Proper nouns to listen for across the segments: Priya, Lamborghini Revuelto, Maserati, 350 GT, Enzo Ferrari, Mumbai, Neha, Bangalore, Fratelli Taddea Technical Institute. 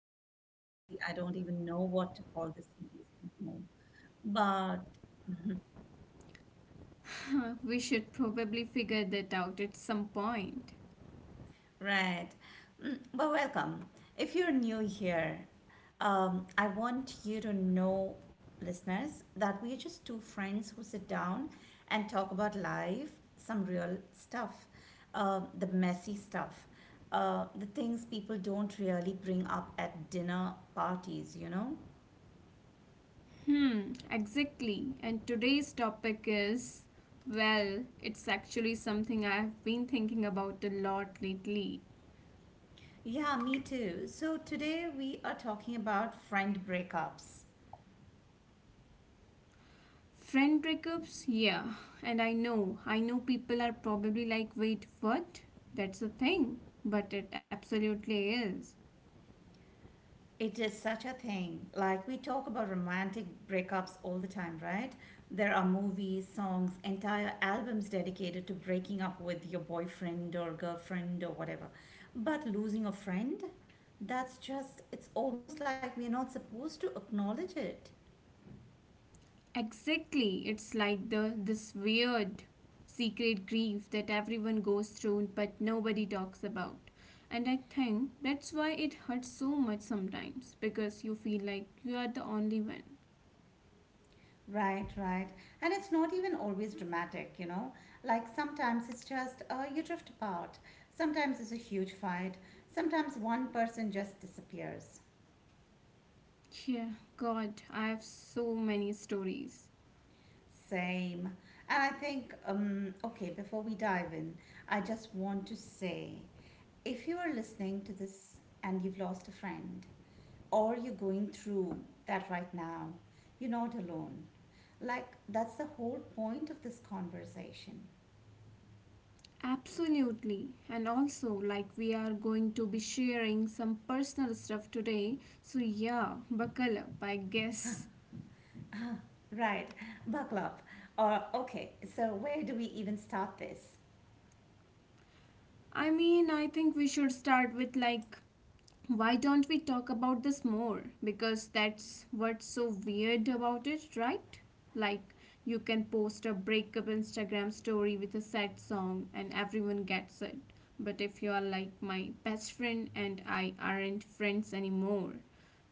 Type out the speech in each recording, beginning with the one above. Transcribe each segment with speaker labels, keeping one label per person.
Speaker 1: honestly, I don't even know what to call this series anymore. But
Speaker 2: We should probably figure that out at some point.
Speaker 1: right, but welcome. If you're new here, I want you to know, listeners, that we are just two friends who sit down and talk about life, some real stuff, the messy stuff, the things people don't really bring up at dinner parties, you know.
Speaker 2: Hmm, exactly. And today's topic is, well, it's actually something I have been thinking about a lot lately.
Speaker 1: Yeah, me too. So today we are talking about friend breakups.
Speaker 2: Friend breakups? Yeah. And I know, I know, people are probably like, wait, what? That's a thing. But it absolutely is.
Speaker 1: It is such a thing. Like we talk about romantic breakups all the time, right? There are movies, songs, entire albums dedicated to breaking up with your boyfriend or girlfriend or whatever. But losing a friend, that's just, it's almost like we're not supposed to acknowledge it.
Speaker 2: Exactly. It's like the this weird secret grief that everyone goes through but nobody talks about. And I think that's why it hurts so much sometimes because you feel like you are the only one.
Speaker 1: Right, right. And it's not even always dramatic, you know? Like sometimes it's just you drift apart. Sometimes it's a huge fight. Sometimes one person just disappears.
Speaker 2: Yeah, God, I have so many stories.
Speaker 1: Same. And I think, okay, before we dive in, I just want to say if you are listening to this and you've lost a friend, or you're going through that right now, you're not alone. Like, that's the whole point of this conversation.
Speaker 2: Absolutely. And also, like, we are going to be sharing some personal stuff today. So, yeah, buckle up, I guess.
Speaker 1: Right. Buckle up. Or, okay, so where do we even start this?
Speaker 2: I mean, I think we should start with, like, why don't we talk about this more? Because that's what's so weird about it, right? Like, you can post a breakup Instagram story with a sad song and everyone gets it. But if you are like, my best friend and I aren't friends anymore,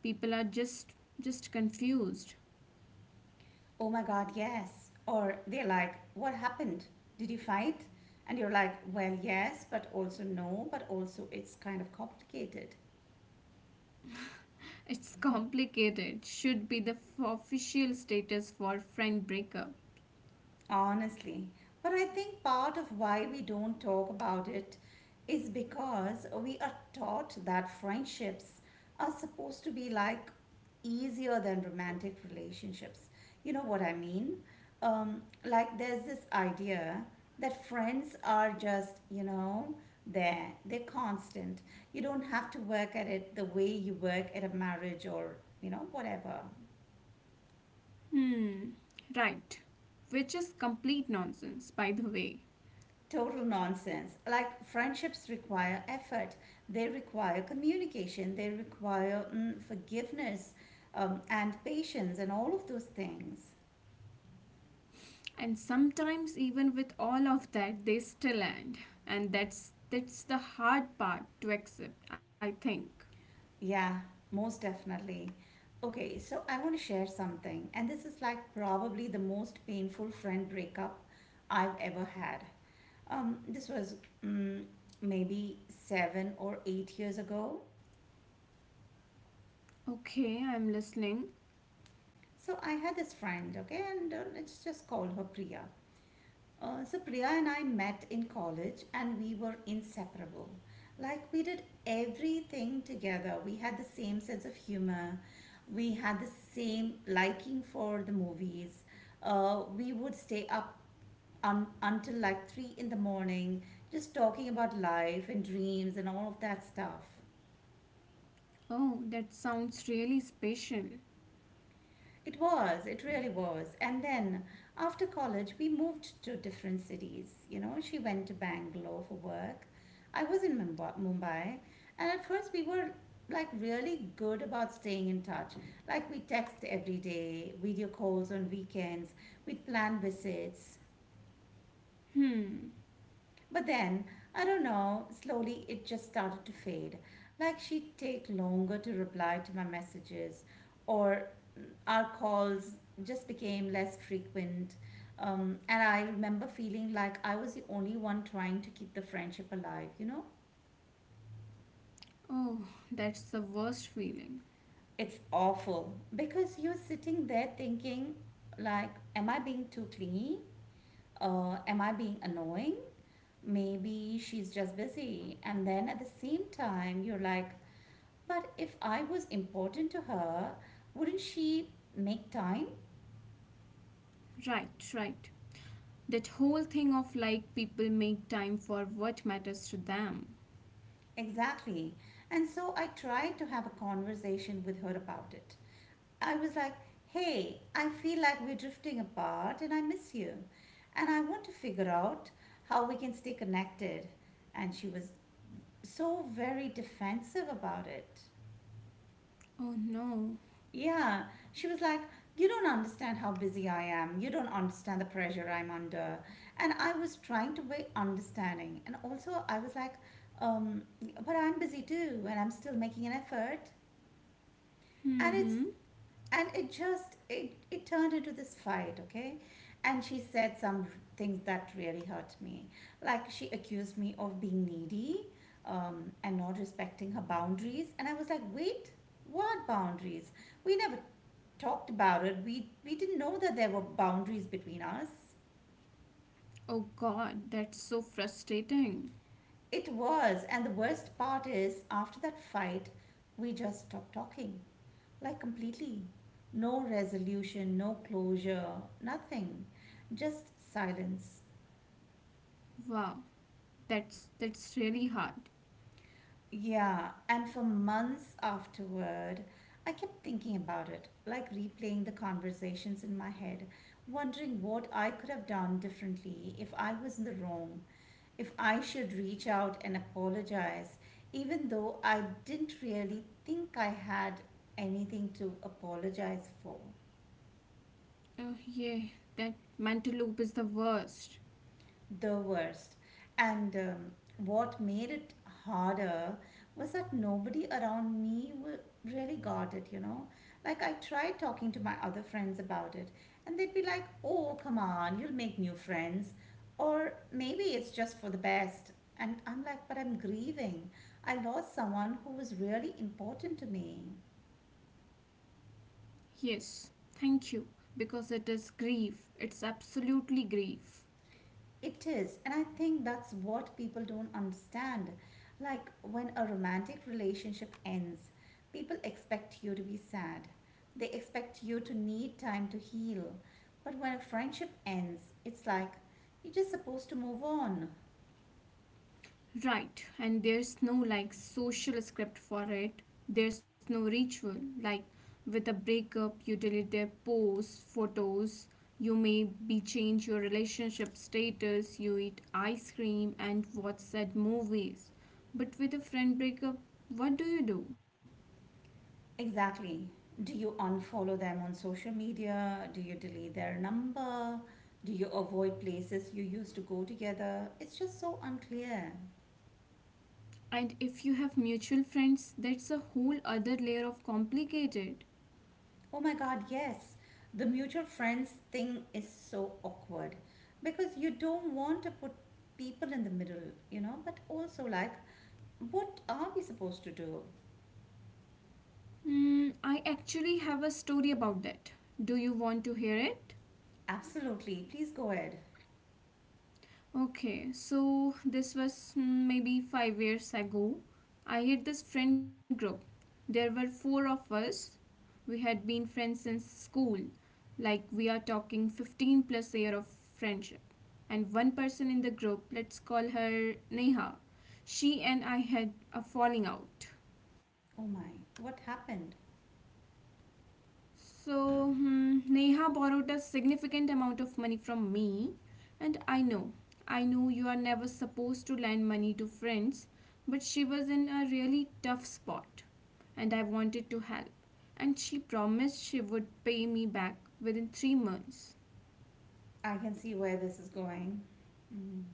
Speaker 2: people are just confused.
Speaker 1: Oh my God, yes. Or they're like, what happened? Did you fight? And you're like, well, yes, but also no, but also it's kind of complicated.
Speaker 2: It's complicated. Should be the official status for friend breakup.
Speaker 1: Honestly, but I think part of why we don't talk about it is because we are taught that friendships are supposed to be like easier than romantic relationships. You know what I mean? Like there's this idea that friends are just, you know, there, they're constant. You don't have to work at it the way you work at a marriage or, you know, whatever.
Speaker 2: Hmm. Right. Which is complete nonsense, by the way.
Speaker 1: Total nonsense. Like friendships require effort, they require communication, they require forgiveness and patience and all of those things.
Speaker 2: And sometimes even with all of that they still end. And that's the hard part to accept, I think.
Speaker 1: Yeah, most definitely. Okay, so I want to share something, and this is like probably the most painful friend breakup I've ever had. This was mm, maybe seven or eight years ago.
Speaker 2: Okay, I'm listening.
Speaker 1: So I had this friend, okay, and let's just call her Priya. So Priya and I met in college and we were inseparable. Like we did everything together. We had the same sense of humor. We had the same liking for the movies. We would stay up until like three in the morning just talking about life and dreams and all of that stuff.
Speaker 2: Oh, that sounds really special.
Speaker 1: It was, it really was. And then after college, we moved to different cities. You know, she went to Bangalore for work. I was in Mumbai. And at first, we were like really good about staying in touch. Like, we text every day, video calls on weekends, we'd plan visits.
Speaker 2: Hmm.
Speaker 1: But then, I don't know, slowly it just started to fade. Like she'd take longer to reply to my messages, or our calls just became less frequent. And I remember feeling like I was the only one trying to keep the friendship alive, you know?
Speaker 2: Oh, that's the worst feeling.
Speaker 1: It's awful because you're sitting there thinking, like, am I being too clingy? Am I being annoying? Maybe she's just busy. And then at the same time, you're like, but if I was important to her, wouldn't she make time?
Speaker 2: Right, right. That whole thing of like, people make time for what matters to them.
Speaker 1: Exactly. And so I tried to have a conversation with her about it. I was like, hey, I feel like we're drifting apart and I miss you. And I want to figure out how we can stay connected. And she was so very defensive about it.
Speaker 2: Oh no.
Speaker 1: Yeah, she was like, you don't understand how busy I am. You don't understand the pressure I'm under. And I was trying to be understanding. And also, I was like, um, but I'm busy too, and I'm still making an effort. And it's
Speaker 2: Hmm.
Speaker 1: and it just it turned into this fight, okay, and she said some things that really hurt me, like she accused me of being needy, and not respecting her boundaries, and I was like, wait, what boundaries? We never talked about it. We didn't know that there were boundaries between us.
Speaker 2: Oh god, that's so frustrating.
Speaker 1: It was, and the worst part is, after that fight, we just stopped talking. Like completely. No resolution, no closure, nothing. Just silence.
Speaker 2: Wow, that's really hard.
Speaker 1: Yeah, and for months afterward, I kept thinking about it, like replaying the conversations in my head, wondering what I could have done differently, if I was in the wrong, if I should reach out and apologize, even though I didn't really think I had anything to apologize for.
Speaker 2: Oh, yeah, that mental loop is the worst.
Speaker 1: The worst. And what made it harder was that nobody around me really got it, you know? Like, I tried talking to my other friends about it, and they'd be like, oh, come on, you'll make new friends. Or maybe it's just for the best. And I'm like, but I'm grieving. I lost someone who was really important to me.
Speaker 2: Yes, thank you, because it is grief. It's absolutely grief.
Speaker 1: It is, and I think that's what people don't understand. Like when a romantic relationship ends, people expect you to be sad. They expect you to need time to heal. But when a friendship ends, it's like you're just supposed to move on.
Speaker 2: Right, and there's no like social script for it. There's no ritual. Like with a breakup, you delete their posts, photos, you may be change your relationship status, you eat ice cream and watch sad movies. But with a friend breakup, what do you do?
Speaker 1: Exactly. Do you unfollow them on social media? Do you delete their number? Do you avoid places you used to go together? It's just so unclear.
Speaker 2: And if you have mutual friends, that's a whole other layer of complicated.
Speaker 1: Oh my God, yes. The mutual friends thing is so awkward because you don't want to put people in the middle, you know, but also like, what are we supposed to do?
Speaker 2: Hmm, I actually have a story about that. Do you want to hear it?
Speaker 1: Absolutely. Please go ahead.
Speaker 2: Okay, so this was, maybe 5 years ago. I had this friend group. There were four of us. We had been friends since school. Like, we are talking 15 plus year of friendship. And one person in the group, let's call her Neha. She and I had a falling out.
Speaker 1: Oh my, what happened?
Speaker 2: So, Neha borrowed a significant amount of money from me, and I know, I know, you are never supposed to lend money to friends, but she was in a really tough spot, and I wanted to help. And she promised she would pay me back within 3 months.
Speaker 1: I can see where this is going. Mm.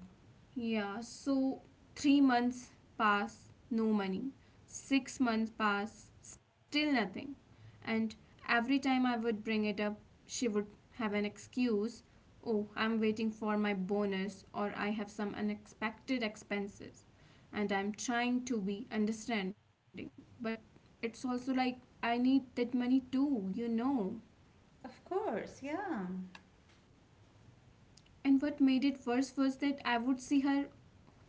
Speaker 2: Yeah, so 3 months pass, no money. 6 months pass, still nothing. And every time I would bring it up, she would have an excuse. Oh, I'm waiting for my bonus, or I have some unexpected expenses. And I'm trying to be understanding. But it's also like, I need that money too, you know.
Speaker 1: Of course, yeah.
Speaker 2: And what made it worse was that I would see her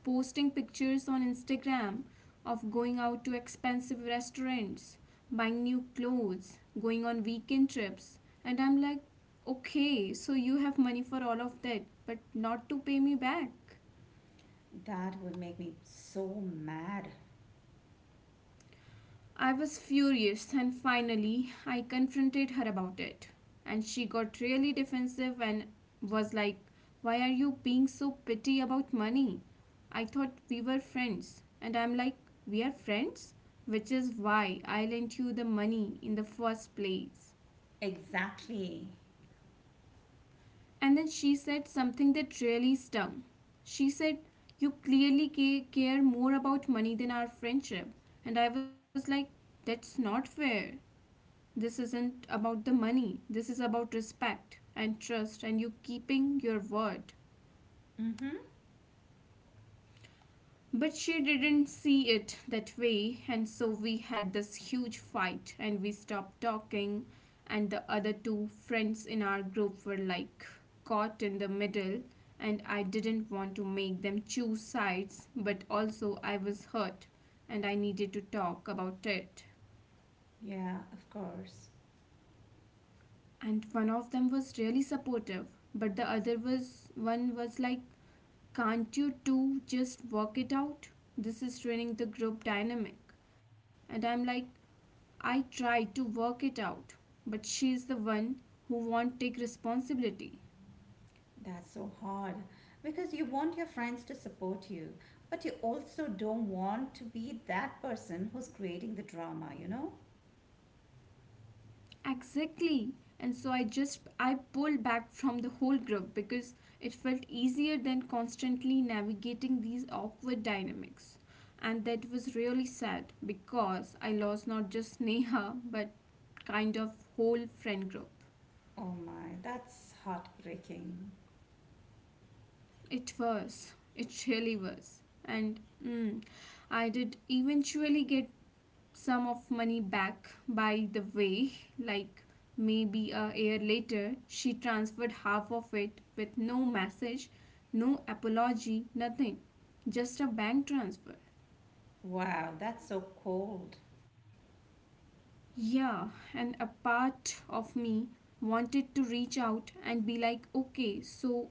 Speaker 2: posting pictures on Instagram of going out to expensive restaurants, buying new clothes, going on weekend trips. And I'm like, okay, so you have money for all of that, but not to pay me back.
Speaker 1: That would make me so mad.
Speaker 2: I was furious, and finally, I confronted her about it. And she got really defensive and was like, why are you being so petty about money? I thought we were friends. And I'm like, we are friends? Which is why I lent you the money in the first place.
Speaker 1: Exactly.
Speaker 2: And then she said something that really stung. She said, you clearly care more about money than our friendship. And I was like, that's not fair. This isn't about the money. This is about respect and trust and you keeping your word.
Speaker 1: Mm-hmm.
Speaker 2: But she didn't see it that way, and so we had this huge fight and we stopped talking. And the other two friends in our group were like, caught in the middle, and I didn't want to make them choose sides, but also I was hurt and I needed to talk about it.
Speaker 1: Yeah, of course.
Speaker 2: And one of them was really supportive, but the other was one was like, can't you two just work it out? This is ruining the group dynamic. And I'm like, I tried to work it out, but she is the one who won't take responsibility.
Speaker 1: That's so hard because you want your friends to support you, but you also don't want to be that person who's creating the drama, you know?
Speaker 2: Exactly. And so I pulled back from the whole group because it felt easier than constantly navigating these awkward dynamics. And that was really sad because I lost not just Neha but kind of whole friend group.
Speaker 1: Oh my, that's heartbreaking.
Speaker 2: It was. It really was. And mm, I did eventually get some of money back by the way, like maybe a year later, she transferred half of it with no message, no apology, nothing. Just a bank transfer.
Speaker 1: Wow, that's so cold.
Speaker 2: Yeah, and a part of me wanted to reach out and be like, okay, so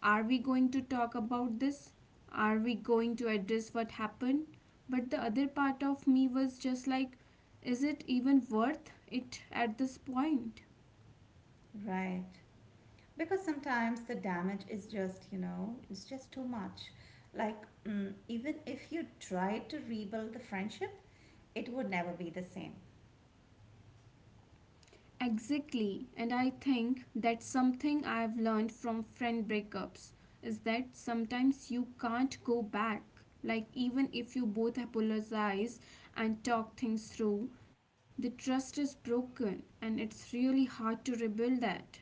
Speaker 2: are we going to talk about this? Are we going to address what happened? But the other part of me was just like, is it even worth it at this point?
Speaker 1: Right. Because sometimes the damage is just, you know, it's just too much. Like, even if you try to rebuild the friendship, it would never be the same.
Speaker 2: Exactly. And I think that's something I've learned from friend breakups is that sometimes you can't go back. Like, even if you both apologize and talk things through, the trust is broken and it's really hard to rebuild that.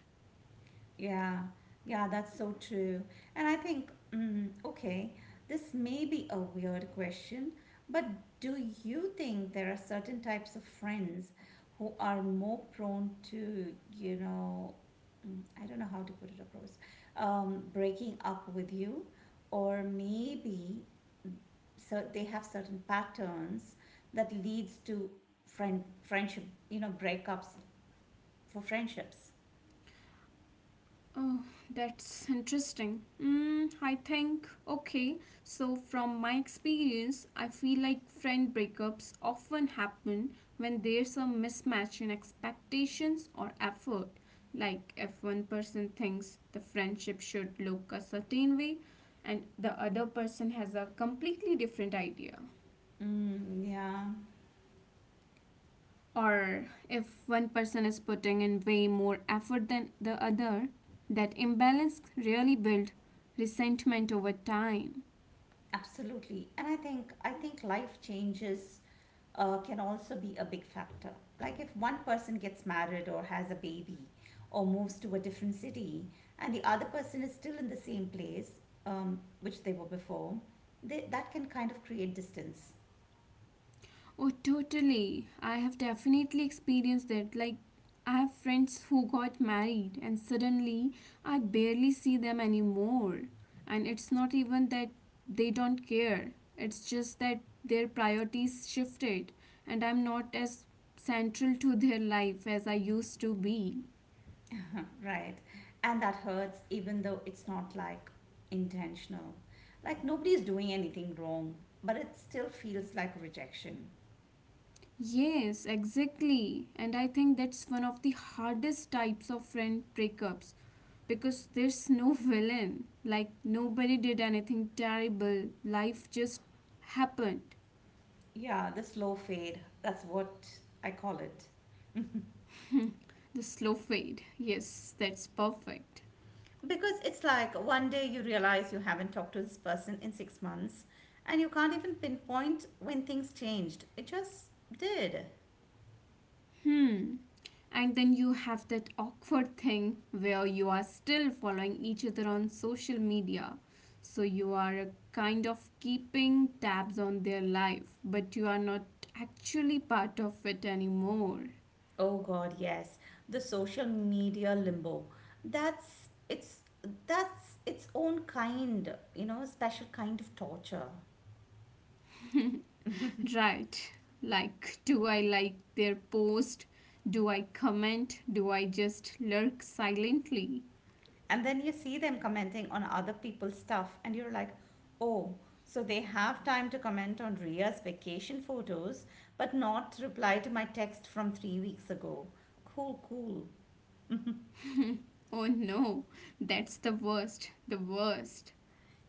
Speaker 1: Yeah, yeah, that's so true. And I think, okay, this may be a weird question, but do you think there are certain types of friends who are more prone to, you know, I don't know how to put it across, breaking up with you, or maybe so they have certain patterns that leads to friendship, you know, breakups for friendships.
Speaker 2: Oh, that's interesting. I think, okay, so from my experience, I feel like friend breakups often happen when there's a mismatch in expectations or effort. Like, if one person thinks the friendship should look a certain way and the other person has a completely different idea.
Speaker 1: Mm, yeah.
Speaker 2: Or if one person is putting in way more effort than the other, that imbalance really builds resentment over time.
Speaker 1: Absolutely. And I think life changes can also be a big factor. Like if one person gets married or has a baby or moves to a different city and the other person is still in the same place, which they were before, they, that can kind of create distance,
Speaker 2: Oh, totally. I have definitely experienced that. Like, I have friends who got married, and suddenly I barely see them anymore. And it's not even that they don't care, it's just that their priorities shifted, and I'm not as central to their life as I used to be.
Speaker 1: right? And that hurts even though it's not like intentional. Like nobody is doing anything wrong, but it still feels like rejection.
Speaker 2: Yes, exactly. And I think that's one of the hardest types of friend breakups because there's no villain. Like, nobody did anything terrible, life just happened.
Speaker 1: Yeah, the slow fade. That's what I call it.
Speaker 2: The slow fade. Yes, that's perfect.
Speaker 1: Because it's like one day you realize you haven't talked to this person in 6 months and you can't even pinpoint when things changed. It just did.
Speaker 2: Hmm. And then you have that awkward thing where you are still following each other on social media. So you are kind of keeping tabs on their life, but you are not actually part of it anymore.
Speaker 1: Oh god, yes. The social media limbo. That's it's that's its own kind, you know, special kind of torture.
Speaker 2: Right. Like, do I like their post? Do I comment? Do I just lurk silently?
Speaker 1: And then you see them commenting on other people's stuff, and you're like, oh, so they have time to comment on Ria's vacation photos, but not reply to my text from 3 weeks ago. Cool, cool.
Speaker 2: Oh no, that's the worst, the worst.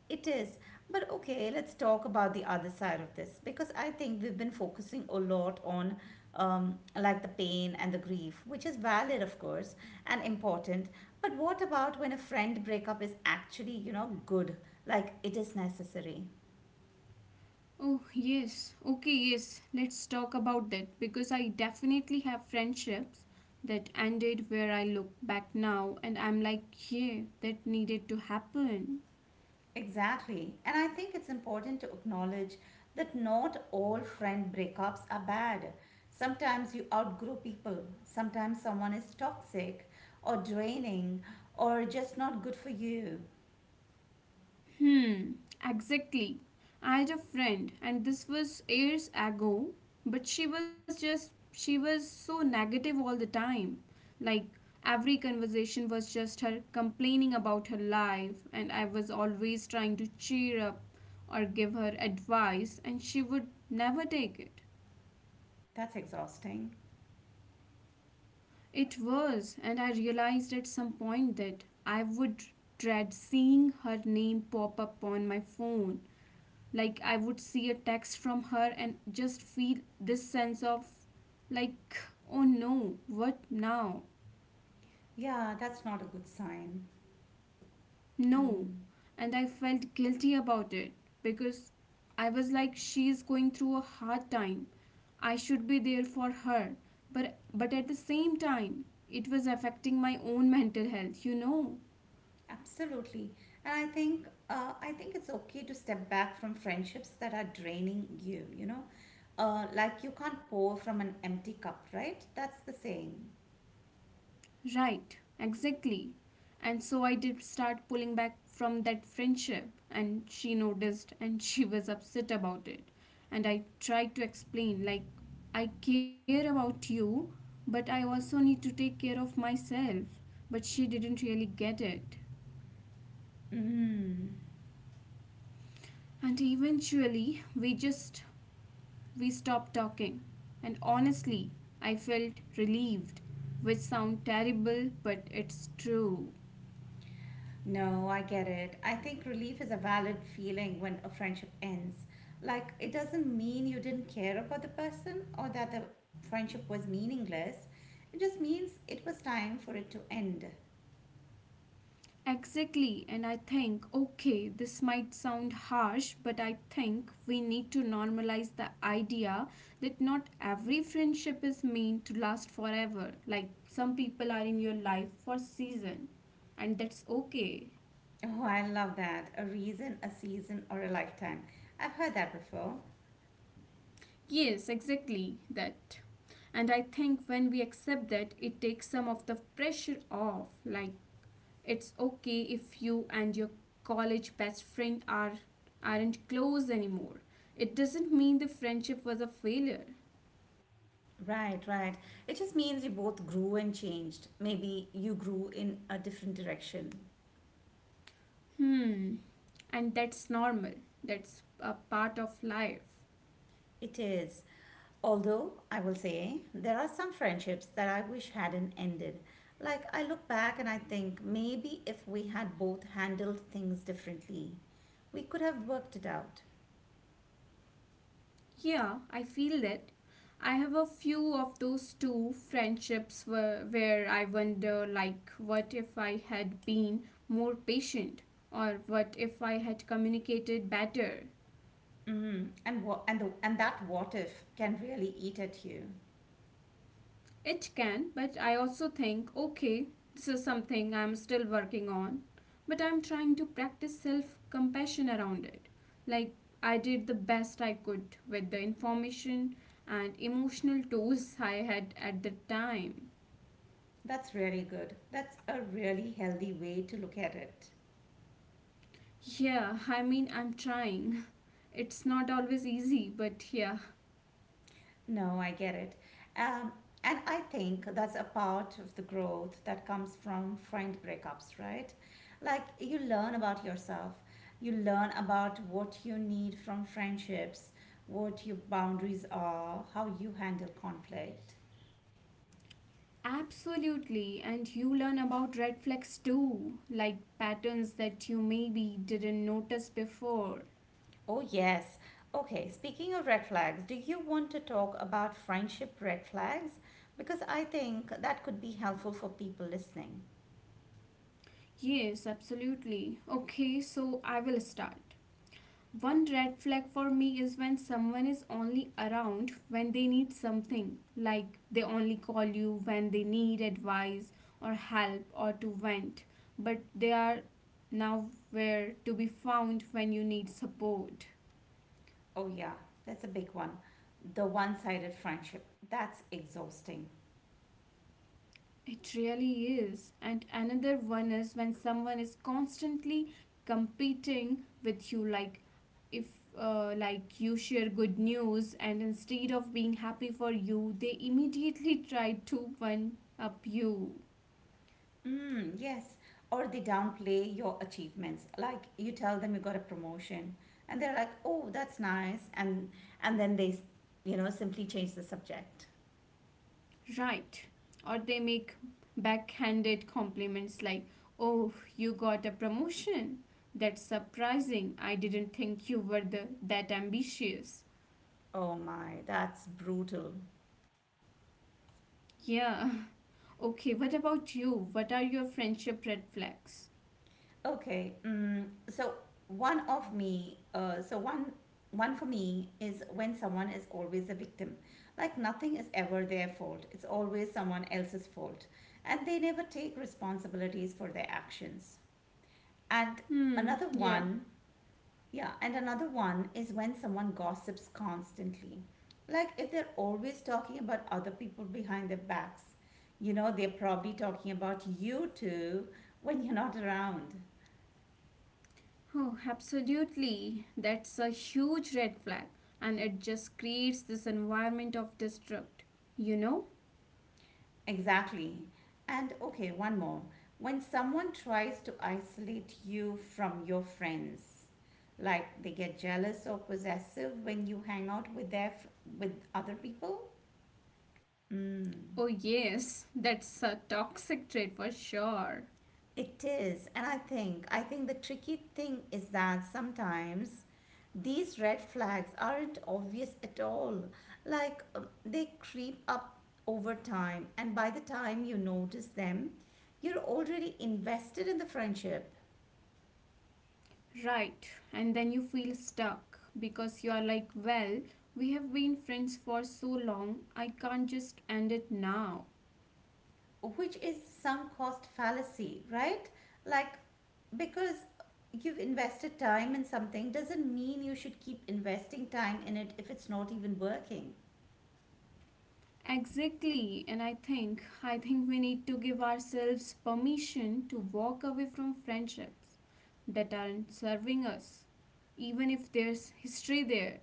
Speaker 1: It is. But okay, let's talk about the other side of this because I think we've been focusing a lot on like the pain and the grief, which is valid, of course, and important. But what about when a friend breakup is actually, you know, good, like it is necessary?
Speaker 2: Oh, yes. Okay, yes. Let's talk about that because I definitely have friendships that ended where I look back now and I'm like, yeah, that needed to happen.
Speaker 1: Exactly. And I think it's important to acknowledge that not all friend breakups are bad. Sometimes you outgrow people, sometimes someone is toxic or draining or just not good for you.
Speaker 2: Hmm, exactly. I had a friend, and this was years ago, but she was so negative all the time. Like, every conversation was just her complaining about her life, and I was always trying to cheer up or give her advice, and she would never take it.
Speaker 1: That's exhausting.
Speaker 2: It was, and I realized at some point that I would dread seeing her name pop up on my phone. Like, I would see a text from her and just feel this sense of, like, oh no, what now?
Speaker 1: Yeah, that's not a good sign.
Speaker 2: No.
Speaker 1: Mm,
Speaker 2: And I felt guilty about it because I was like, she is going through a hard time, I should be there for her, but at the same time it was affecting my own mental health, you know.
Speaker 1: absolutely. And I think it's okay to step back from friendships that are draining you, you know. Like you can't pour from an empty cup, right? That's the saying.
Speaker 2: Right, exactly. And so I did start pulling back from that friendship, and she noticed and she was upset about it. And I tried to explain, like, I care about you, but I also need to take care of myself. But she didn't really get it.
Speaker 1: Mm.
Speaker 2: And eventually, we stopped talking. And honestly, I felt relieved, which sound terrible, but it's true.
Speaker 1: No, I get it. I think relief is a valid feeling when a friendship ends. Like, it doesn't mean you didn't care about the person or that the friendship was meaningless. It just means it was time for it to end.
Speaker 2: Exactly, and I think, okay, this might sound harsh, but I think we need to normalize the idea that not every friendship is meant to last forever. Like, some people are in your life for season, and that's okay.
Speaker 1: Oh, I love that. A reason, a season, or a lifetime. I've heard that before.
Speaker 2: Yes, exactly that. And I think when we accept that, it takes some of the pressure off. Like, it's okay if you and your college best friend aren't close anymore. It doesn't mean the friendship was a failure.
Speaker 1: Right, right. It just means you both grew and changed. Maybe you grew in a different direction.
Speaker 2: Hmm. And that's normal. That's a part of life.
Speaker 1: It is. Although I will say there are some friendships that I wish hadn't ended. Like I look back and I think maybe if we had both handled things differently, we could have worked it out.
Speaker 2: Yeah, I feel that. I have a few of those two friendships where I wonder, like, what if I had been more patient? Or what if I had communicated better?
Speaker 1: And that what if can really eat at you.
Speaker 2: It can, but I also think, okay, this is something I'm still working on, but I'm trying to practice self compassion around it. Like, I did the best I could with the information and emotional tools I had at the time.
Speaker 1: That's really good. That's a really healthy way to look at it.
Speaker 2: Yeah, I mean, I'm trying. It's not always easy, but yeah.
Speaker 1: No, I get it. Um, and I think that's a part of the growth that comes from friend breakups, right? Like you learn about yourself, you learn about what you need from friendships, what your boundaries are, how you handle conflict.
Speaker 2: Absolutely, and you learn about red flags too, like patterns that you maybe didn't notice before.
Speaker 1: Oh, yes. Okay, speaking of red flags, do you want to talk about friendship red flags? Because I think that could be helpful for people listening.
Speaker 2: Yes, absolutely. Okay, so I will start. One red flag for me is when someone is only around when they need something, like they only call you when they need advice or help or to vent, but they are nowhere to be found when you need support.
Speaker 1: Oh, yeah, that's a big one. The one sided friendship. That's exhausting.
Speaker 2: It really is. And another one is when someone is constantly competing with you, like if like you share good news and instead of being happy for you, they immediately try to one up you.
Speaker 1: Mm, yes. Or they downplay your achievements. Like you tell them you got a promotion and they're like, "Oh, that's nice." And then they, you know, simply change the subject.
Speaker 2: Right. Or they make backhanded compliments like, "Oh, you got a promotion. That's surprising. I didn't think you were the that ambitious."
Speaker 1: Oh my, that's brutal.
Speaker 2: Yeah. Okay, what about you? What are your friendship red flags?
Speaker 1: Okay. So one of me, so one one for me is when someone is always a victim. Like nothing is ever their fault. It's always someone else's fault. And they never take responsibilities for their actions. And
Speaker 2: Hmm,
Speaker 1: another
Speaker 2: yeah.
Speaker 1: one, yeah, and another one is when someone gossips constantly. Like if they're always talking about other people behind their backs, you know, they're probably talking about you too when you're not around.
Speaker 2: Oh, absolutely. That's a huge red flag, and it just creates this environment of destruct. You know?
Speaker 1: Exactly. And okay, one more. When someone tries to isolate you from your friends, like they get jealous or possessive when you hang out with with other people?
Speaker 2: Oh, yes, that's a toxic trait for sure.
Speaker 1: It is. And I think the tricky thing is that sometimes these red flags aren't obvious at all. Like they creep up over time and by the time you notice them, you're already invested in the friendship.
Speaker 2: Right, and then you feel stuck because you are like, well, we have been friends for so long, I can't just end it now.
Speaker 1: Which is some cost fallacy, right? Like, because you've invested time in something doesn't mean you should keep investing time in it if it's not even working.
Speaker 2: Exactly, and I think we need to give ourselves permission to walk away from friendships that aren't serving us, even if there's history there.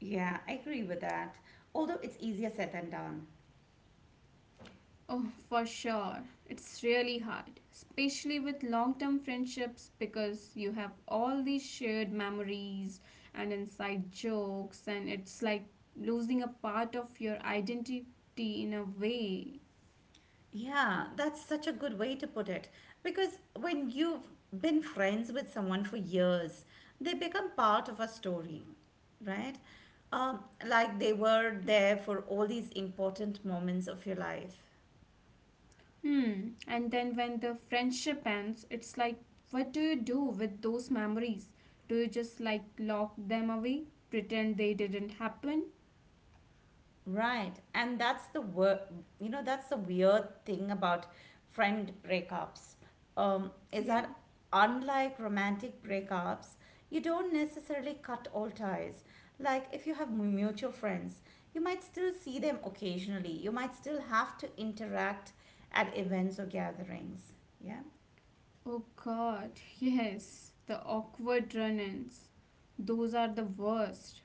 Speaker 1: Yeah, I agree with that. Although it's easier said than done.
Speaker 2: Oh, for sure. It's really hard, especially with long-term friendships because you have all these shared memories and inside jokes and it's like losing a part of your identity in a way.
Speaker 1: Yeah, that's such a good way to put it. Because when you've been friends with someone for years, they become part of a story, right? Like they were
Speaker 2: Right?
Speaker 1: there for all these important moments of your life.
Speaker 2: Hmm. And then when the friendship ends, it's like, what do you do with those memories? Do you just like lock them away, pretend they didn't happen?
Speaker 1: Right. And you know that's the weird thing about friend breakups. Is
Speaker 2: Yeah.
Speaker 1: that unlike romantic breakups, you don't necessarily cut all ties. Like if you have mutual friends, you might still see them occasionally. You might still have to interact at events or gatherings. Yeah.
Speaker 2: Oh God. Yes. The awkward run-ins. Those are the worst.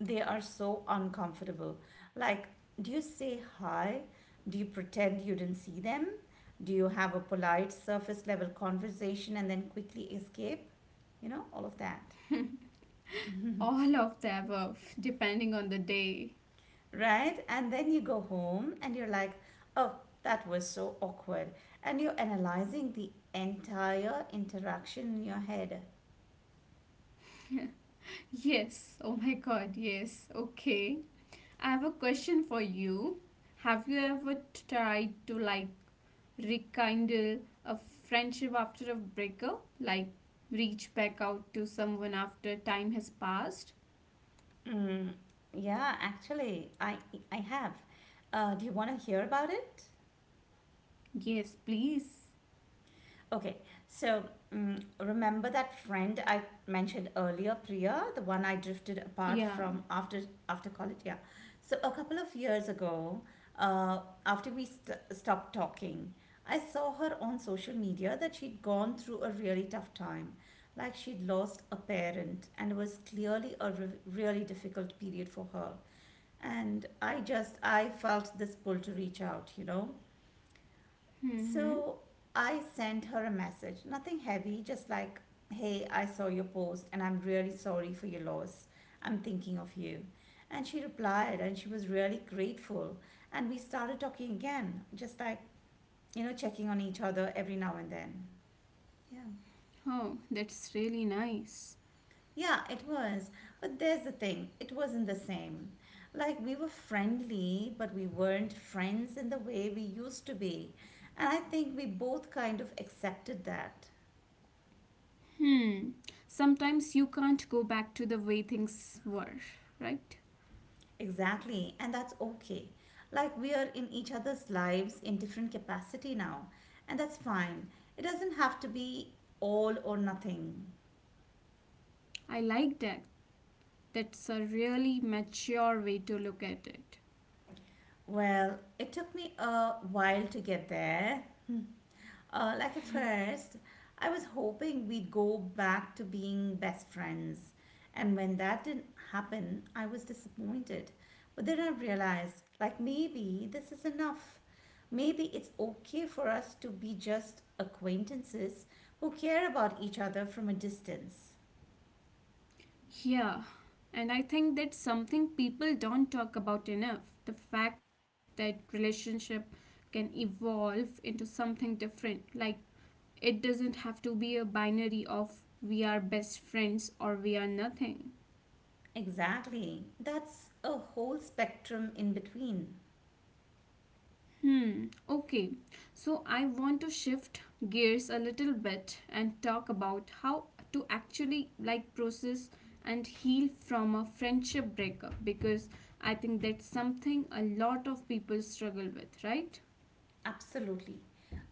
Speaker 1: They are so uncomfortable. Like, do you say hi? Do you pretend you didn't see them? Do you have a polite surface level conversation and then quickly escape? You know, all of that,
Speaker 2: All of the above, depending on the day.
Speaker 1: right? And then you go home and you're like, oh, that was so awkward. And you're analyzing the entire interaction in your head.
Speaker 2: Yes. Oh my God. Yes. Okay. I have a question for you. Have you ever tried to like rekindle a friendship after a breakup, like reach back out to someone after time has passed?
Speaker 1: Mm, yeah, actually, I have. Do you want to hear about it?
Speaker 2: Yes, please.
Speaker 1: Okay, so remember that friend I mentioned earlier, Priya, the one I drifted apart
Speaker 2: Yeah.
Speaker 1: from after after college. Yeah, so a couple of years ago, uh, after we stopped talking, I saw her on social media that she'd gone through a really tough time, like she'd lost a parent, and it was clearly a really difficult period for her. And I felt this pull to reach out, you know.
Speaker 2: Mm-hmm.
Speaker 1: So I sent her a message, nothing heavy, just like, hey, I saw your post and I'm really sorry for your loss. I'm thinking of you. And she replied and she was really grateful. And we started talking again, just like, you know, checking on each other every now and then. Yeah.
Speaker 2: Oh, that's really nice.
Speaker 1: Yeah, it was. But there's the thing, it wasn't the same. Like, we were friendly, but we weren't friends in the way we used to be. And I think we both kind of accepted that.
Speaker 2: Hmm. Sometimes you can't go back to the way things were, right?
Speaker 1: Exactly, and that's okay. Like we are in each other's lives in different capacity now, and that's fine. It doesn't have to be all or nothing.
Speaker 2: I like that. That's a really mature way to look at it.
Speaker 1: Well, it took me a while to get there. Hmm. Like at first, I was hoping we'd go back to being best friends. And when that didn't happen, I was disappointed. But then I realized, like, maybe this is enough. Maybe it's okay for us to be just acquaintances who care about each other from a distance.
Speaker 2: Yeah, and I think that's something people don't talk about enough, the fact that relationship can evolve into something different. Like, it doesn't have to be a binary of we are best friends or we are nothing.
Speaker 1: Exactly. That's a whole spectrum in between.
Speaker 2: Hmm, okay. So I want to shift gears a little bit and talk about how to actually like process and heal from a friendship breakup because I think that's something a lot of people struggle with, right?
Speaker 1: Absolutely.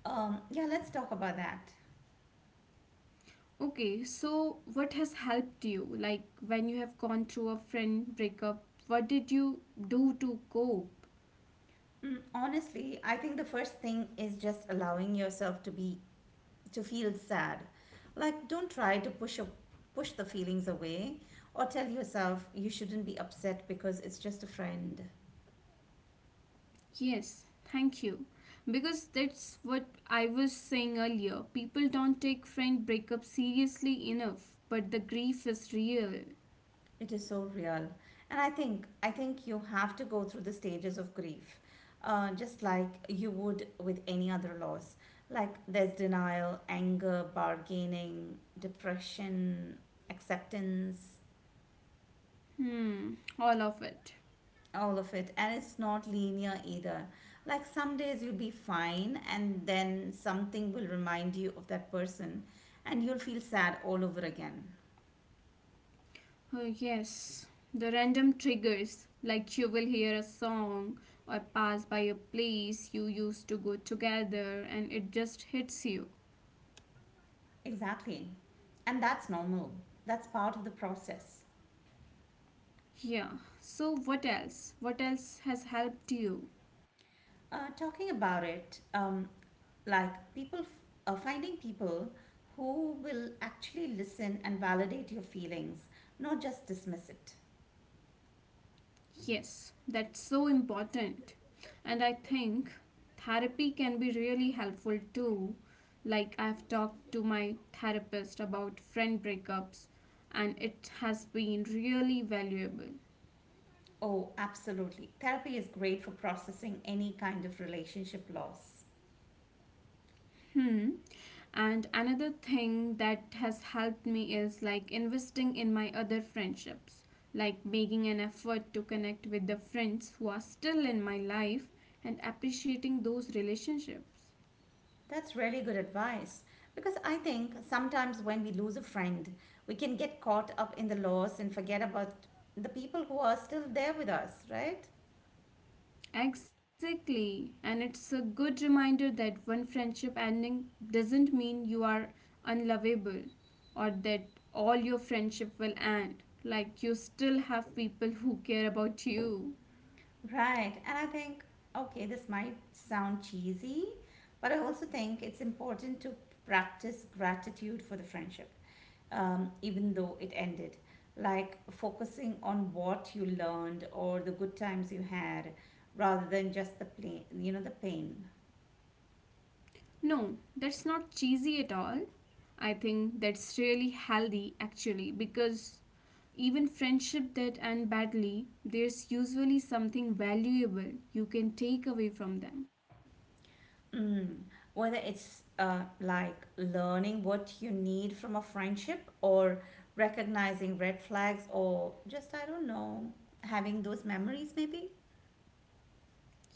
Speaker 1: Yeah, let's talk about that.
Speaker 2: Okay, so what has helped you? Like when you have gone through a friend breakup, what did you do to cope?
Speaker 1: Mm, honestly, I think the first thing is just allowing yourself to be to feel sad. Like, don't try to push the feelings away or tell yourself you shouldn't be upset because it's just a friend.
Speaker 2: Yes, thank you. Because that's what I was saying earlier. People don't take friend breakup seriously enough, but the grief is real.
Speaker 1: It is so real. And I think you have to go through the stages of grief. Just like you would with any other loss. Like there's denial, anger, bargaining, depression, acceptance,
Speaker 2: Hmm, all of it.
Speaker 1: all of it. And it's not linear either. Like some days you'll be fine and then something will remind you of that person and you'll feel sad all over again.
Speaker 2: Oh, yes. The random triggers, like you will hear a song or pass by a place you used to go together and it just hits you.
Speaker 1: Exactly. And that's normal. That's part of the process.
Speaker 2: Yeah. So, what else? What else has helped you?
Speaker 1: Talking about it, like finding people who will actually listen and validate your feelings, not just dismiss it.
Speaker 2: Yes, that's so important. And I think therapy can be really helpful too. Like, I've talked to my therapist about friend breakups, and it has been really valuable.
Speaker 1: Oh, absolutely. Therapy is great for processing any kind of relationship loss.
Speaker 2: Hmm. And another thing that has helped me is like investing in my other friendships, like making an effort to connect with the friends who are still in my life and appreciating those relationships.
Speaker 1: That's really good advice because I think sometimes when we lose a friend, we can get caught up in the loss and forget about the people who are still there with us, right?
Speaker 2: Exactly. And it's a good reminder that one friendship ending doesn't mean you are unlovable or that all your friendship will end. Like you still have people who care about you.
Speaker 1: Right. And I think, okay, this might sound cheesy, but I also think it's important to practice gratitude for the friendship, even though it ended. Like focusing on what you learned or the good times you had rather than just the pain, you know, the pain.
Speaker 2: No, that's not cheesy at all. I think that's really healthy actually because even friendship that end badly, there's usually something valuable you can take away from them.
Speaker 1: Mm. Whether it's like learning what you need from a friendship or recognizing red flags or just, I don't know, having those memories maybe.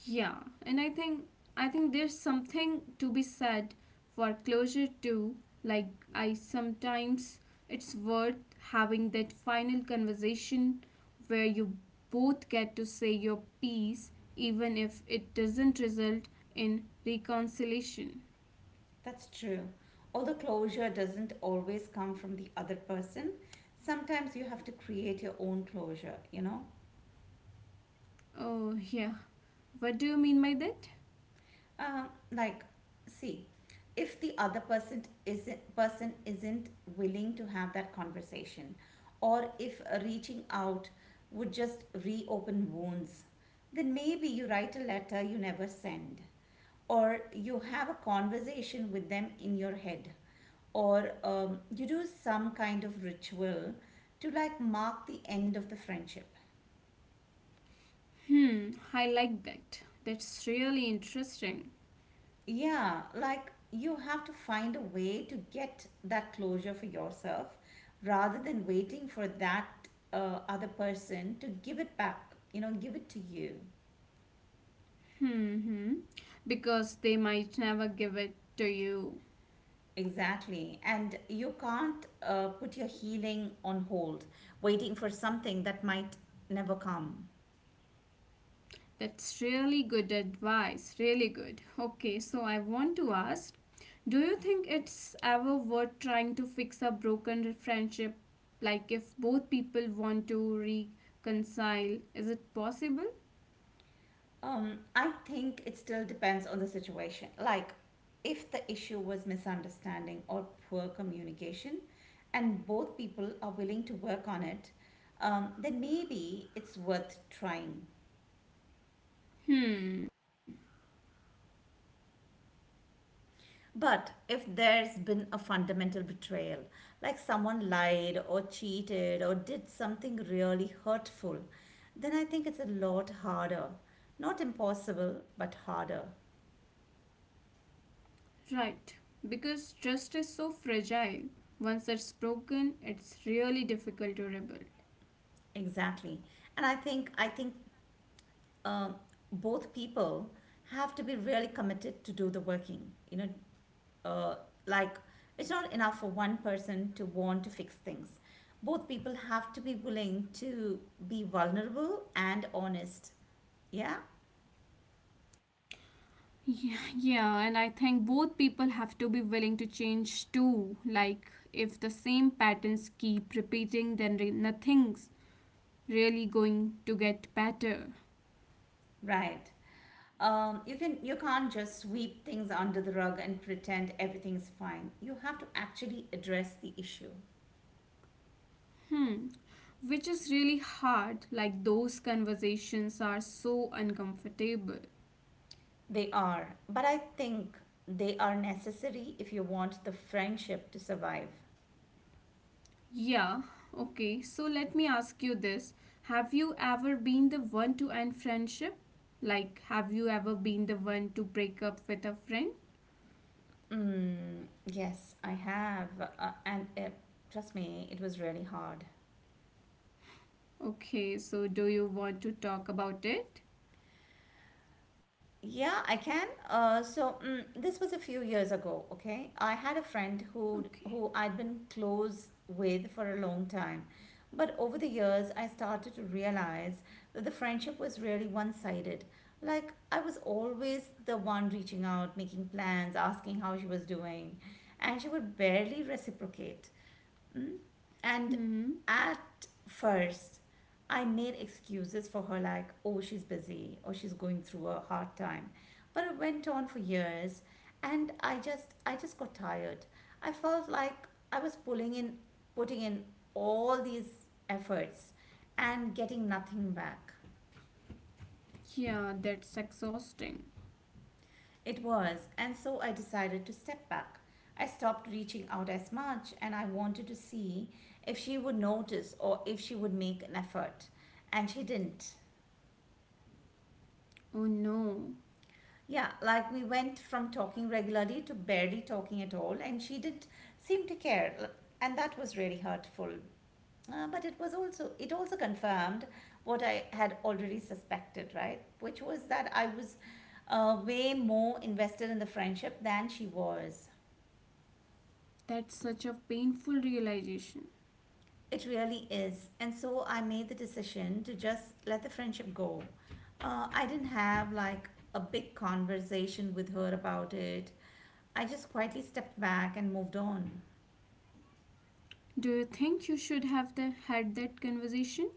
Speaker 2: Yeah, and I think there's something to be said for closure too. Like I sometimes it's worth having that final conversation where you both get to say your piece even if it doesn't result in reconciliation.
Speaker 1: That's true. Although closure doesn't always come from the other person, sometimes you have to create your own closure, you know?
Speaker 2: Oh, yeah. What do you mean by that?
Speaker 1: Like, see, if the other person isn't willing to have that conversation, or if reaching out would just reopen wounds, then maybe you write a letter you never send, or you have a conversation with them in your head, or you do some kind of ritual to like mark the end of the friendship.
Speaker 2: Hmm, I like that. That's really interesting.
Speaker 1: Yeah, like you have to find a way to get that closure for yourself rather than waiting for that other person to give it back, you know, give it to you.
Speaker 2: Hmm, hmm. Because they might never give it to you.
Speaker 1: Exactly. And you can't put your healing on hold, waiting for something that might never come.
Speaker 2: That's really good advice, really good. Okay, so I want to ask, do you think it's ever worth trying to fix a broken friendship? Like, if both people want to reconcile, is it possible?
Speaker 1: I think it still depends on the situation. Like, if the issue was misunderstanding or poor communication, and both people are willing to work on it, then maybe it's worth trying.
Speaker 2: Hmm,
Speaker 1: But if there's been a fundamental betrayal, like someone lied or cheated or did something really hurtful, then I think it's a lot harder. Not impossible, but harder.
Speaker 2: right. Because trust is so fragile. Once it's broken, it's really difficult to rebuild.
Speaker 1: Exactly. And I think um, both people have to be really committed to do the working. You know, uh, like it's not enough for one person to want to fix things. Both people have to be willing to be vulnerable and honest. Yeah,
Speaker 2: Yeah, yeah, and I think both people have to be willing to change too. Like, if the same patterns keep repeating, then nothing's really going to get better.
Speaker 1: right. You can't just sweep things under the rug and pretend everything's fine. You have to actually address the issue.
Speaker 2: Hmm. Which is really hard. Like, those conversations are so uncomfortable.
Speaker 1: They are, but I think they are necessary if you want the friendship to survive.
Speaker 2: Yeah, okay, so let me ask you this. Have you ever been the one to end friendship? Like, have you ever been the one to break up with a friend?
Speaker 1: Mm, yes, I have. And Trust me, it was really hard.
Speaker 2: Okay, so do you want to talk about it?
Speaker 1: Yeah, I can. This was a few years ago, okay? I had a friend who
Speaker 2: Okay.
Speaker 1: who I'd been close with for a long time. But over the years, I started to realize that the friendship was really one-sided. Like I was always the one reaching out, making plans, asking how she was doing, and she would barely reciprocate. And
Speaker 2: Hmm.
Speaker 1: at first, I made excuses for her, like, oh, she's busy or she's going through a hard time. But it went on for years, and I just got tired. I felt like I was putting in all these efforts and getting nothing back.
Speaker 2: Yeah, that's exhausting.
Speaker 1: It was, and so I decided to step back. I stopped reaching out as much, and I wanted to see if she would notice or if she would make an effort. And she didn't.
Speaker 2: Oh no,
Speaker 1: Yeah, like we went from talking regularly to barely talking at all, and she didn't seem to care, and that was really hurtful. But it was also it also confirmed what I had already suspected, right? Which was that I was way more invested in the friendship than she was.
Speaker 2: that's such a painful realization.
Speaker 1: It really is. And so I made the decision to just let the friendship go. I didn't have like a big conversation with her about it. I just quietly stepped back and moved on.
Speaker 2: Do you think you should have had that conversation?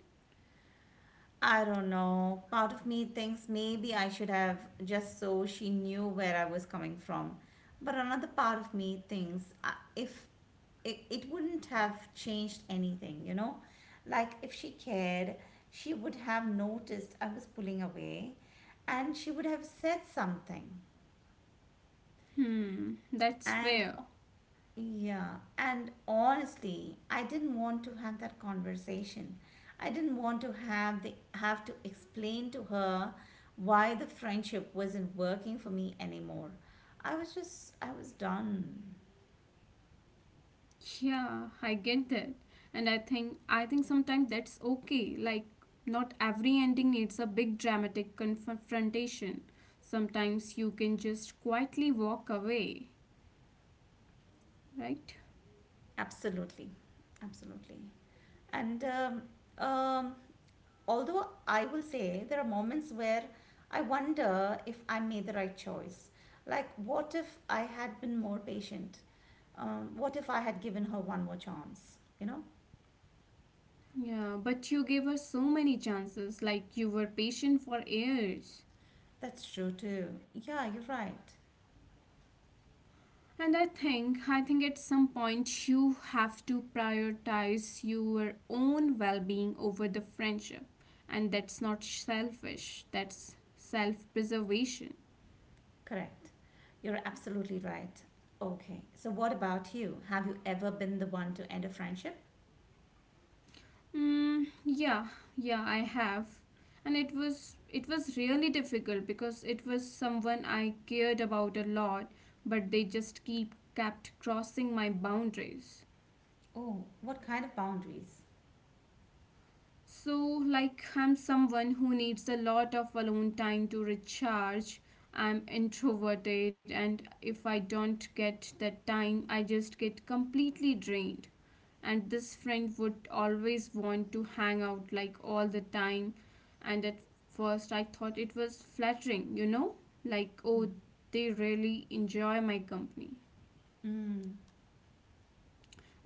Speaker 1: I don't know. Part of me thinks maybe I should have just so she knew where I was coming from. But another part of me thinks if it wouldn't have changed anything, you know? Like if she cared, she would have noticed I was pulling away and she would have said something.
Speaker 2: Hmm, that's
Speaker 1: And
Speaker 2: fair.
Speaker 1: yeah, and honestly, I didn't want to have that conversation. I didn't want to have the have to explain to her why the friendship wasn't working for me anymore. I was done.
Speaker 2: Yeah, I get that. And I think sometimes that's okay. Like not every ending needs a big dramatic confrontation. Sometimes you can just quietly walk away, right?
Speaker 1: Absolutely, absolutely. And um, although I will say there are moments where I wonder if I made the right choice. Like, what if I had been more patient? What if I had given her one more chance? You know,
Speaker 2: Yeah, but you gave us so many chances, like you were patient for years.
Speaker 1: that's true too. Yeah, you're right.
Speaker 2: And I think at some point you have to prioritize your own well being over the friendship. And that's not selfish, that's self preservation.
Speaker 1: Correct. You're absolutely right. Okay, so what about you? Have you ever been the one to end a friendship?
Speaker 2: Mm, yeah, yeah, I have. And it was really difficult because it was someone I cared about a lot, but they just keep kept crossing my boundaries.
Speaker 1: Oh, what kind of boundaries?
Speaker 2: So, like, I'm someone who needs a lot of alone time to recharge. I'm introverted, and if I don't get that time, I just get completely drained. And this friend would always want to hang out like all the time. And at first, I thought it was flattering, you know, like, oh, they really enjoy my company.
Speaker 1: Mm.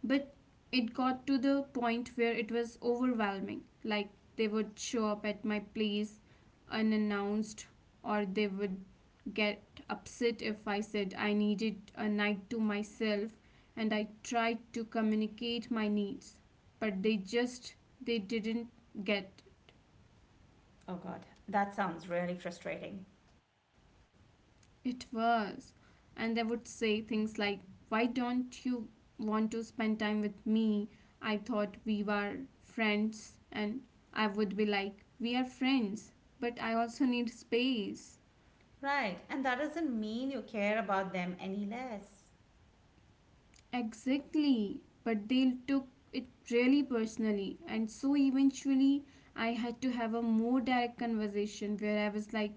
Speaker 2: But it got to the point where it was overwhelming. Like they would show up at my place unannounced, or they would get upset if I said I needed a night to myself, and I tried to communicate my needs. But they just they didn't get.
Speaker 1: Oh God, that sounds really frustrating.
Speaker 2: It was. And they would say things like, "Why don't you want to spend time with me? I thought we were friends." And I would be like, "We are friends, but I also need space."
Speaker 1: Right, and that doesn't mean you care about them any less.
Speaker 2: Exactly, but they took it really personally, and so eventually I had to have a more direct conversation where I was like,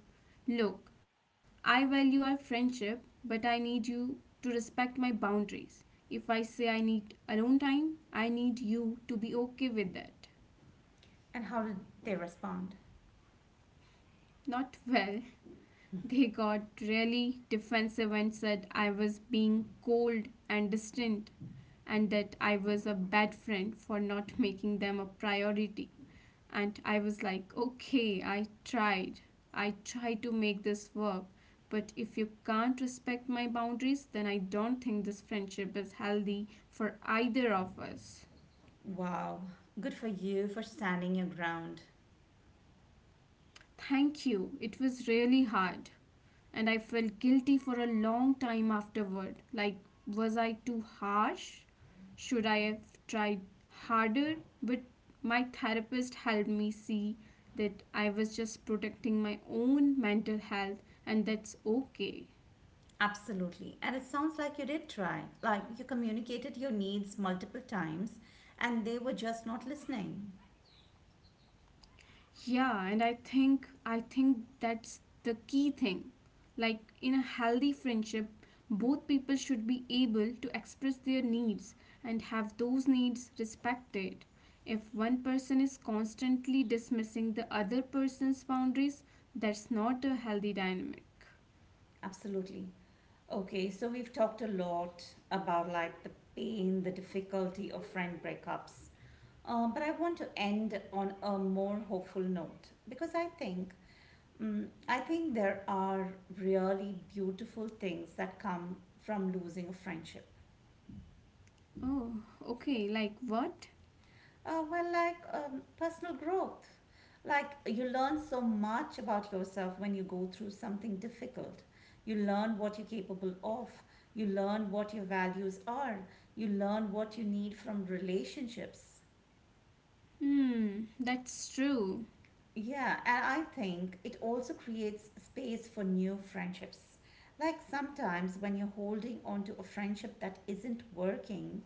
Speaker 2: "Look, I value our friendship, but I need you to respect my boundaries. If I say I need alone time, I need you to be okay with that."
Speaker 1: And how did they respond?
Speaker 2: Not well. They got really defensive and said I was being cold and distant and that I was a bad friend for not making them a priority. And I was like, okay, I tried. I tried to make this work. But if you can't respect my boundaries, then I don't think this friendship is healthy for either of us.
Speaker 1: Wow, good for you for standing your ground.
Speaker 2: Thank you. It was really hard. And I felt guilty for a long time afterward. Like, was I too harsh? Should I have tried harder? But my therapist helped me see that I was just protecting my own mental health, and that's okay.
Speaker 1: Absolutely. And it sounds like you did try. Like you communicated your needs multiple times and they were just not listening.
Speaker 2: Yeah, and I think that's the key thing. Like in a healthy friendship, both people should be able to express their needs and have those needs respected. If one person is constantly dismissing the other person's boundaries, that's not a healthy dynamic.
Speaker 1: Absolutely. Okay, so we've talked a lot about like the pain, the difficulty of friend breakups. But I want to end on a more hopeful note because I think there are really beautiful things that come from losing a friendship.
Speaker 2: Oh, okay, like what?
Speaker 1: Personal growth. Like you learn so much about yourself when you go through something difficult. You learn what you're capable of. You learn what your values are. You learn what you need from relationships.
Speaker 2: Hmm, that's true.
Speaker 1: Yeah, and I think it also creates space for new friendships. Like sometimes when you're holding on to a friendship that isn't working,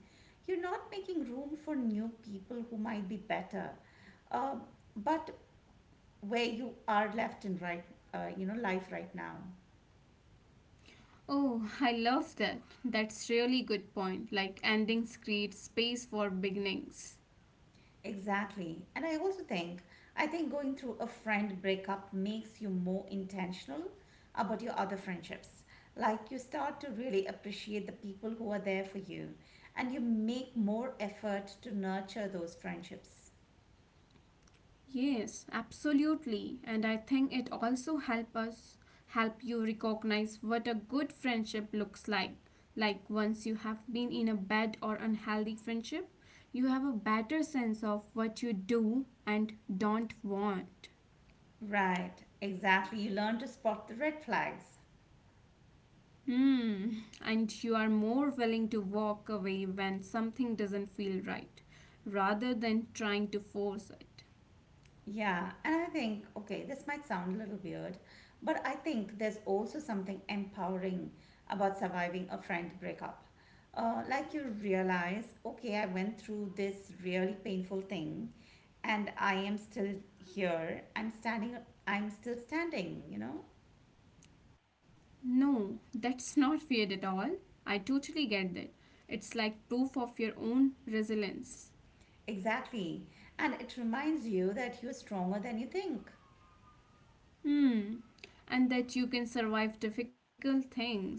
Speaker 1: you're not making room for new people who might be better. Um, but where you are left and right, you know, life right now.
Speaker 2: Oh, I love that. That's really good point. Like endings create space for beginnings.
Speaker 1: Exactly. And I think going through a friend breakup makes you more intentional about your other friendships. Like you start to really appreciate the people who are there for you and you make more effort to nurture those friendships.
Speaker 2: Yes, absolutely. And I think it also help you recognize what a good friendship looks like. Like once you have been in a bad or unhealthy friendship, you have a better sense of what you do and don't want.
Speaker 1: Right, exactly. You learn to spot the red flags.
Speaker 2: Hmm, and you are more willing to walk away when something doesn't feel right rather than trying to force it.
Speaker 1: Yeah, and I think, okay, this might sound a little weird, but I think there's also something empowering about surviving a friend breakup. Like you realize, okay, I went through this really painful thing and I am still here. I'm still standing, you know?
Speaker 2: No, that's not weird at all. I totally get that. It's like proof of your own resilience.
Speaker 1: Exactly. And it reminds you that you're stronger than you think,
Speaker 2: Hmm. And that you can survive difficult things.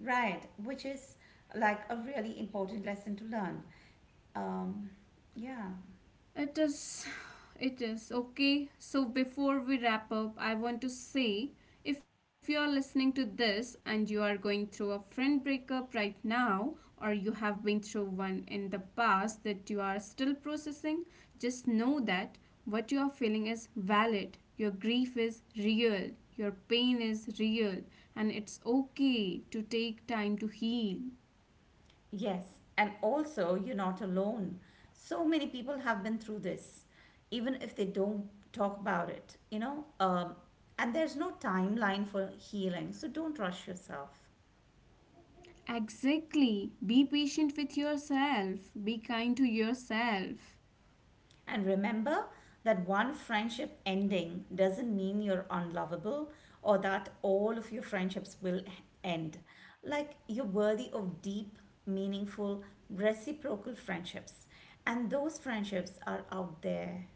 Speaker 1: right? Which is like a really important lesson to learn. Um, yeah.
Speaker 2: It is, it is okay. So, before we wrap up, I want to say if you are listening to this and you are going through a friend breakup right now, or you have been through one in the past that you are still processing, just know that what you are feeling is valid. Your grief is real, your pain is real, and it's okay to take time to heal.
Speaker 1: Yes, and also you're not alone. So many people have been through this, even if they don't talk about it, you know. And there's no timeline for healing, so don't rush yourself.
Speaker 2: Exactly. Be patient with yourself. Be kind to yourself.
Speaker 1: And remember that one friendship ending doesn't mean you're unlovable or that all of your friendships will end. Like you're worthy of deep, meaningful, reciprocal friendships, and those friendships are out there.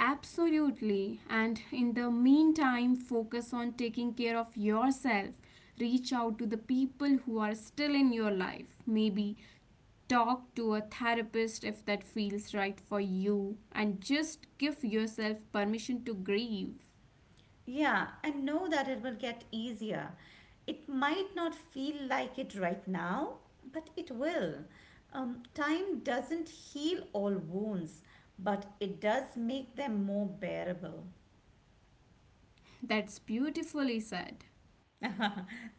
Speaker 2: Absolutely. And in the meantime, focus on taking care of yourself. Reach out to the people who are still in your life. Maybe talk to a therapist if that feels right for you. And just give yourself permission to grieve.
Speaker 1: Yeah, and know that it will get easier. It might not feel like it right now, but it will. Time doesn't heal all wounds, but it does make them more bearable.
Speaker 2: That's beautifully said.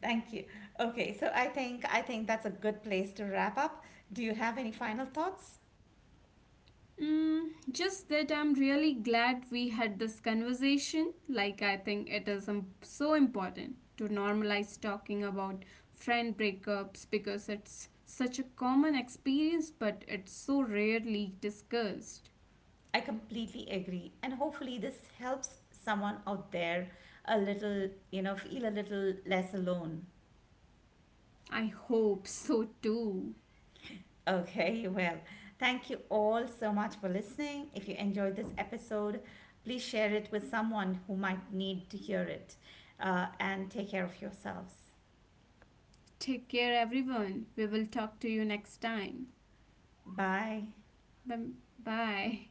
Speaker 1: Thank you. Okay, so I think that's a good place to wrap up. Do you have any final thoughts?
Speaker 2: Mm, just that I'm really glad we had this conversation. Like, I think it is so important to normalize talking about friend breakups because it's such a common experience, but it's so rarely discussed.
Speaker 1: I completely agree, and hopefully this helps someone out there a little, you know, feel a little less alone.
Speaker 2: I hope so too.
Speaker 1: Okay, well, thank you all so much for listening. If you enjoyed this episode, please share it with someone who might need to hear it. And take care of yourselves.
Speaker 2: Take care, everyone. We will talk to you next time.
Speaker 1: Bye.
Speaker 2: Bye. Bye.